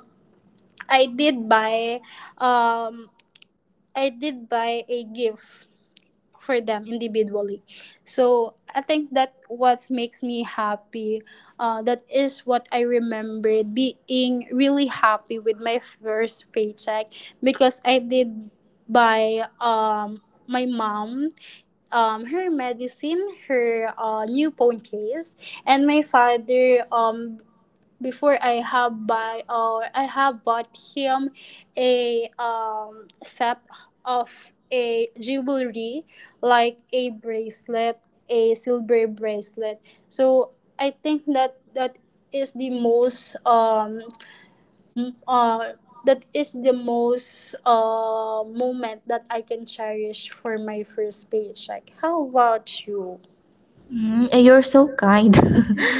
Speaker 2: I did buy um a gift for them individually. So I think that what makes me happy, that is what I remembered being really happy with my first paycheck, because I did buy my mom her medicine, her new phone case, and my father, before I have buy, or I have bought him a, set of a jewelry, like a bracelet, a silver bracelet. So I think that that is the most m- uh, that is the most moment that I can cherish for my first paycheck. How about you?
Speaker 1: Mm, eh, you're so kind.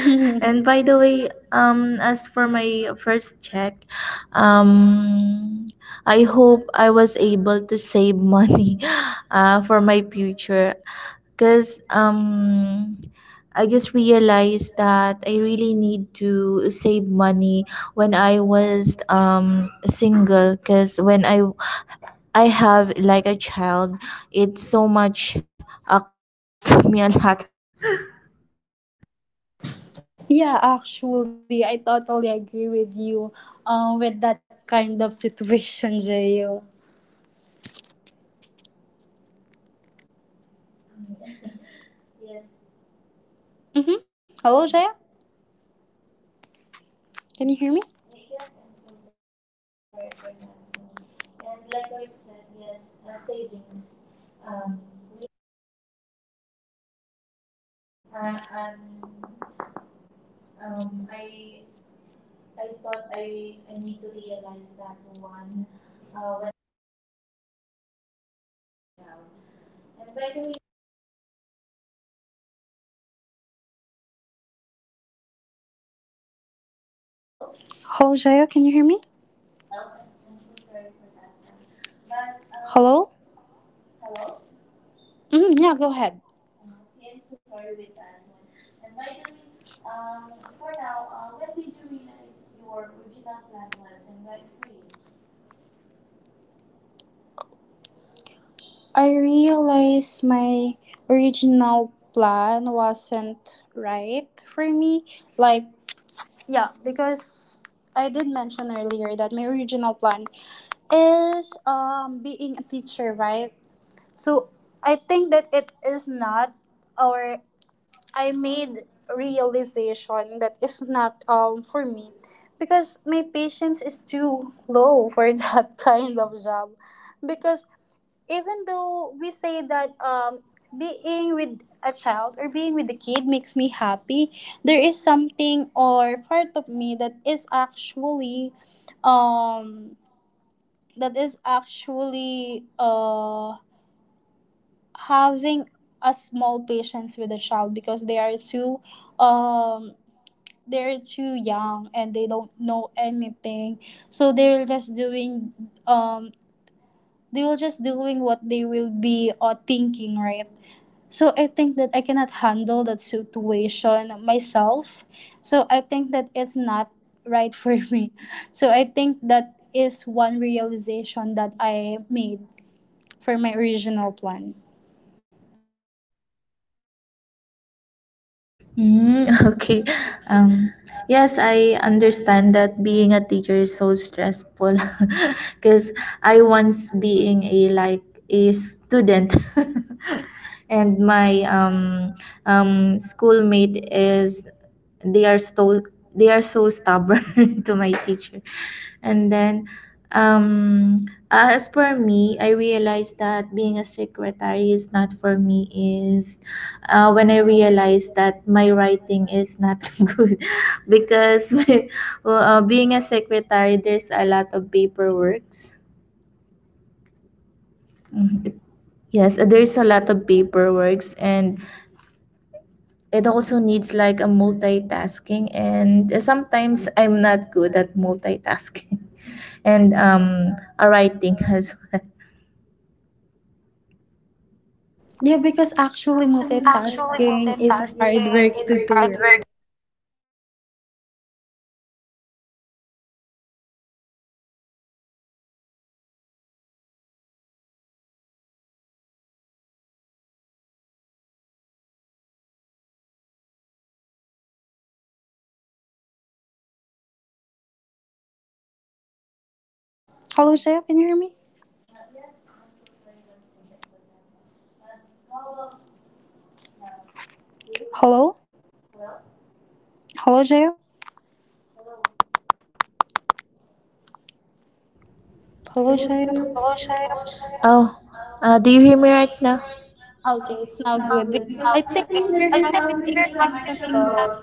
Speaker 1: [LAUGHS] And by the way, as for my first check, um, I hope I was able to save money [LAUGHS] for my future. Because I just realized that I really need to save money when I was single. Because when I have like a child, it's so much cost [LAUGHS] me a lot.
Speaker 2: Yeah, actually, I totally agree with you, with that kind of situation, [LAUGHS] Jayo.
Speaker 1: Mm, [LAUGHS] yes.
Speaker 2: Mm-hmm. Hello, Jaya?
Speaker 1: Mm. Eh,
Speaker 2: Can you
Speaker 1: yes,
Speaker 2: hear
Speaker 1: I'm
Speaker 2: me?
Speaker 1: so sorry for that one. And like what I've said, yes, savings. We need to save [LAUGHS] for our future. [LAUGHS] uh, um, um, I, I thought I need to realize that one when I was like single, [LAUGHS] no child. And by the way, when did you realize? Hello?
Speaker 2: Hello, Jaya? Can you hear me?
Speaker 1: Oh, no, I'm so sorry for that one. But
Speaker 2: Hello?
Speaker 1: hello.
Speaker 2: Mm, yeah, go
Speaker 1: Oh,
Speaker 2: ahead.
Speaker 1: okay, I'm so sorry with that one. And by the way, for now, when did you realize your original plan wasn't right for you?
Speaker 2: I realized my original plan wasn't right for me. Like, yeah, because I did mention earlier that my original plan is being a teacher, right? So I think that it is not, or I made realization that is not for me, because my patience is too low for [LAUGHS] that kind of job, because even though we say that being with a child or being with a kid makes me happy, there is something or part of me that is actually um that is actually uh having a small patience with a child, because they are too um they're too young and they don't know anything, so they're just doing, um they will just doing what they will be thinking, right? So I think that I cannot handle that situation myself, so I think that it's not right for [LAUGHS] me. So I think that is one realization that I made for my original plan.
Speaker 1: Mm, [LAUGHS] okay. Um, yes, I understand that being a teacher is so stressful [LAUGHS] because I once being a like a student, [LAUGHS] and my schoolmate is, they are so, they are so stubborn [LAUGHS] to my teacher. And then, um as for me, I realized that being a secretary is not for me, is when I realized that my writing is not [LAUGHS] good, because with being a secretary, there's a lot of paperworks. Mhm. Yes, there's a lot of paperworks, and it also needs like a multitasking, and sometimes I'm not good at multitasking, [LAUGHS] and a writing [LAUGHS] as well.
Speaker 2: Yeah, because actually multitasking is hard work to do, right?
Speaker 1: Yes.
Speaker 2: Hello, Jayo, can
Speaker 1: Mhm.
Speaker 2: you hear me?
Speaker 1: Yes, I'm so sorry [LAUGHS] once again for that one. How about now? Do you hear me?
Speaker 2: Hello?
Speaker 1: Hello?
Speaker 2: Hello, Jayo?
Speaker 1: Hello?
Speaker 2: Hello, Jayo?
Speaker 1: Oh, do you hear me right now?
Speaker 2: Okay, it's now good. Because I think we're having a connection loss.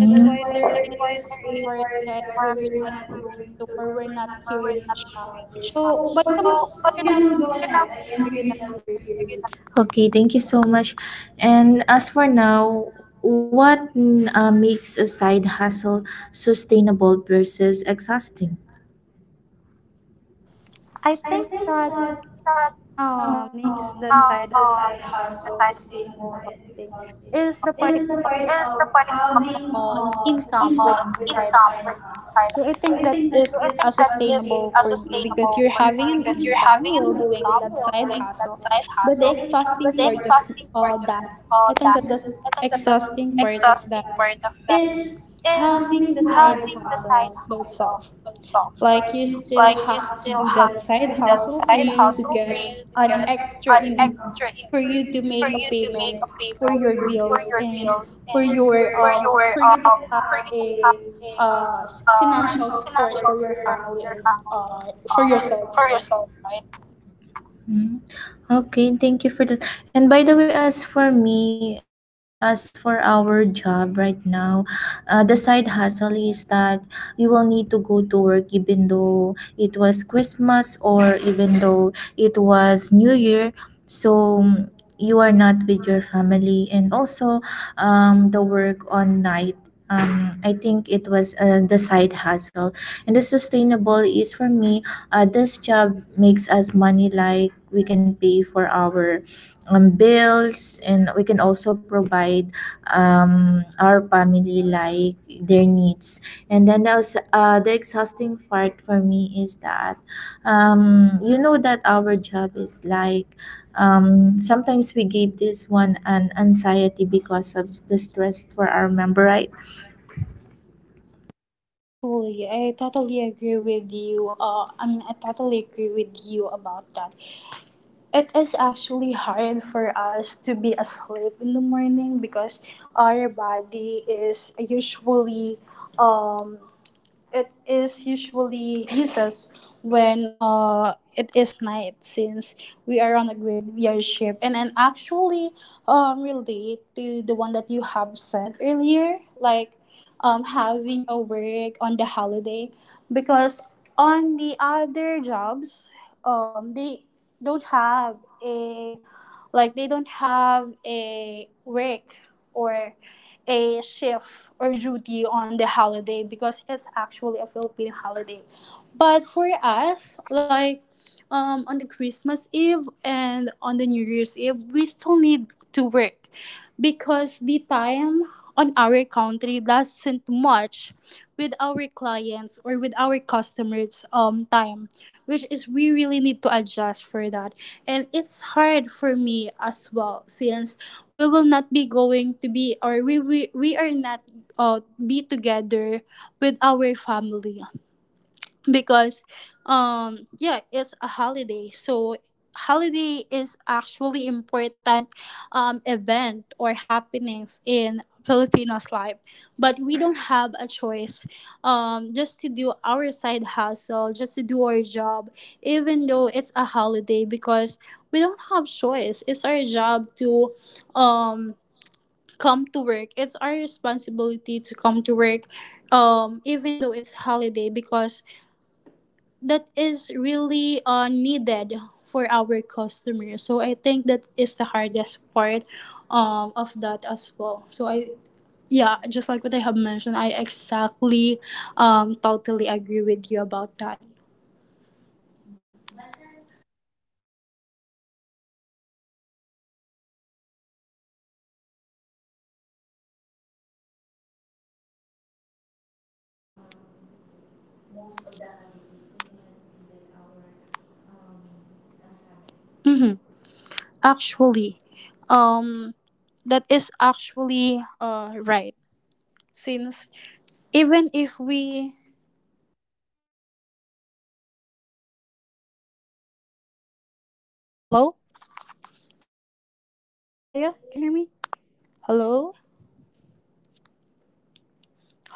Speaker 2: That's why there is a word that we were to, or we're not hearing each other. So, but yeah, we can now hear you
Speaker 1: Curious.
Speaker 2: now.
Speaker 1: Okay, thank you so much. And as for now, what, mm, makes a side hustle sustainable versus exhausting?
Speaker 2: I think that makes the side thing is the part of income with the side. So I think that is a sustainable for me because you're having an income while doing that side hustle. But the exhausting part of that, I think that the exhausting part of that is having the side hustle by itself. Like you still have to do that side hustle for you to get an extra income, for you to make a payment for your bills, and for your for you to have a financial support for your family, and for yourself, right?
Speaker 1: Mm. Okay, thank you for that. And by the way, as for me, as for our job right now, the side hustle is that you will need to go to work even though it was Christmas or even though it was New Year. So you are not with your family, and also the work on night, I think it was the side hustle. And the sustainable is for me this job makes us money, like we can pay for our bills, and we can also provide our family like their needs. And then also, the exhausting part for me is that you know that our job is like, sometimes we gave this one an anxiety because of the stress for our member, right?
Speaker 2: Yeah, actually I totally agree with you, I mean I totally agree with you about that. It is actually hard for us to be asleep in the morning, because our body is usually, um it is usually uses when it is night, since we are on a graveyard ship. And then actually relate to the one that you have said earlier, like having a work on the holiday, because on the other jobs they don't have a, like they don't have a work or a chef or duty on the holiday, because it's actually a Philippine holiday. But for us, like, on the Christmas Eve and on the New Year's Eve, we still need to work, because the time on our country doesn't match with our clients or with our customers time, which is we really need to adjust for that. And it's hard for me as well, since we will not be going to be, or we are not be together with our family, because yeah, it's a holiday, so holiday is actually important, event or happenings in Filipinos life, but we don't have a choice, just to do our side hustle, just to do our job even though it's a holiday, because we don't have choice, it's our job to, um, come to work, it's our responsibility to come to work even though it's holiday, because that is really needed for our customers. So I think that is the hardest part of that as well. So I, yeah, just like what I have mentioned, I exactly totally agree with you about that.
Speaker 1: Yeah, but then we can also file a leave, but sometimes it was rejected, so we cannot be with our family with the holidays. Um,
Speaker 2: Mm-hmm. Actually, um that is actually right, since even if we, hello, hello, Jaya. Can you hear me? Hello? Hello, Jaya.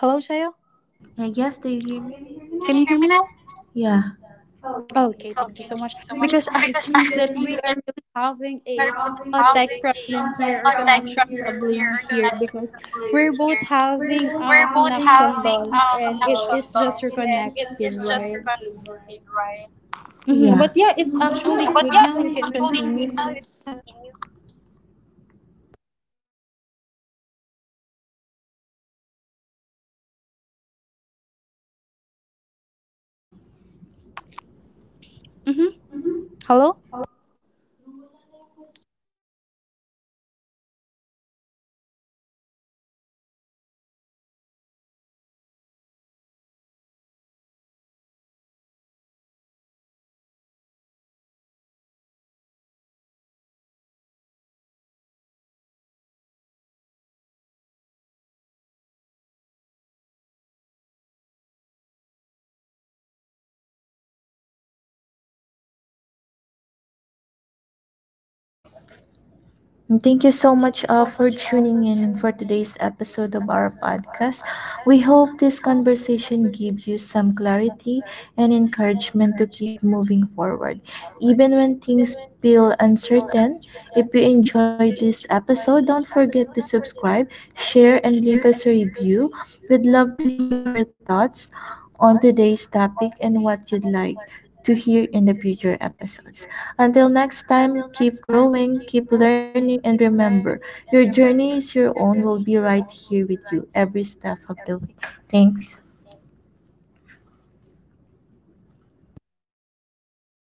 Speaker 1: Yes, do you
Speaker 2: Can
Speaker 1: hear
Speaker 2: you
Speaker 1: me?
Speaker 2: hear me now?
Speaker 1: Can you hear me now? Yeah.
Speaker 2: Okay, thank you so much.
Speaker 1: Okay, thank you so
Speaker 2: Because
Speaker 1: much.
Speaker 2: I [LAUGHS] think
Speaker 1: Because
Speaker 2: that
Speaker 1: I
Speaker 2: we are
Speaker 1: think that
Speaker 2: really
Speaker 1: we are
Speaker 2: having
Speaker 1: not having
Speaker 2: a tech
Speaker 1: a
Speaker 2: problem
Speaker 1: contact
Speaker 2: here, or
Speaker 1: problem
Speaker 2: connection
Speaker 1: here,
Speaker 2: problem
Speaker 1: connection
Speaker 2: here,
Speaker 1: problem
Speaker 2: because
Speaker 1: here.
Speaker 2: we're both
Speaker 1: We're
Speaker 2: having
Speaker 1: both
Speaker 2: a
Speaker 1: having
Speaker 2: connection
Speaker 1: a
Speaker 2: loss
Speaker 1: connection
Speaker 2: and it
Speaker 1: loss, and
Speaker 2: is just
Speaker 1: it is just
Speaker 2: reconnecting, right?
Speaker 1: confusing, right? Yeah.
Speaker 2: Hmm. But yeah, it's
Speaker 1: Mm, but yeah,
Speaker 2: actually good now. You
Speaker 1: actually,
Speaker 2: can
Speaker 1: now you
Speaker 2: continue.
Speaker 1: can continue.
Speaker 2: Mm-hmm. Hello?
Speaker 1: And thank you so much for tuning in for today's episode of our podcast. We hope this conversation gives you some clarity and encouragement to keep moving forward, even when things feel uncertain. If you enjoyed this episode, don't forget to subscribe, share, and leave us a review. We'd love to hear your thoughts on today's topic and what you'd like to hear in the future episodes. Until next time, keep growing, keep learning, and remember, your journey is your own. We'll be right here with you every step of the way. Thanks.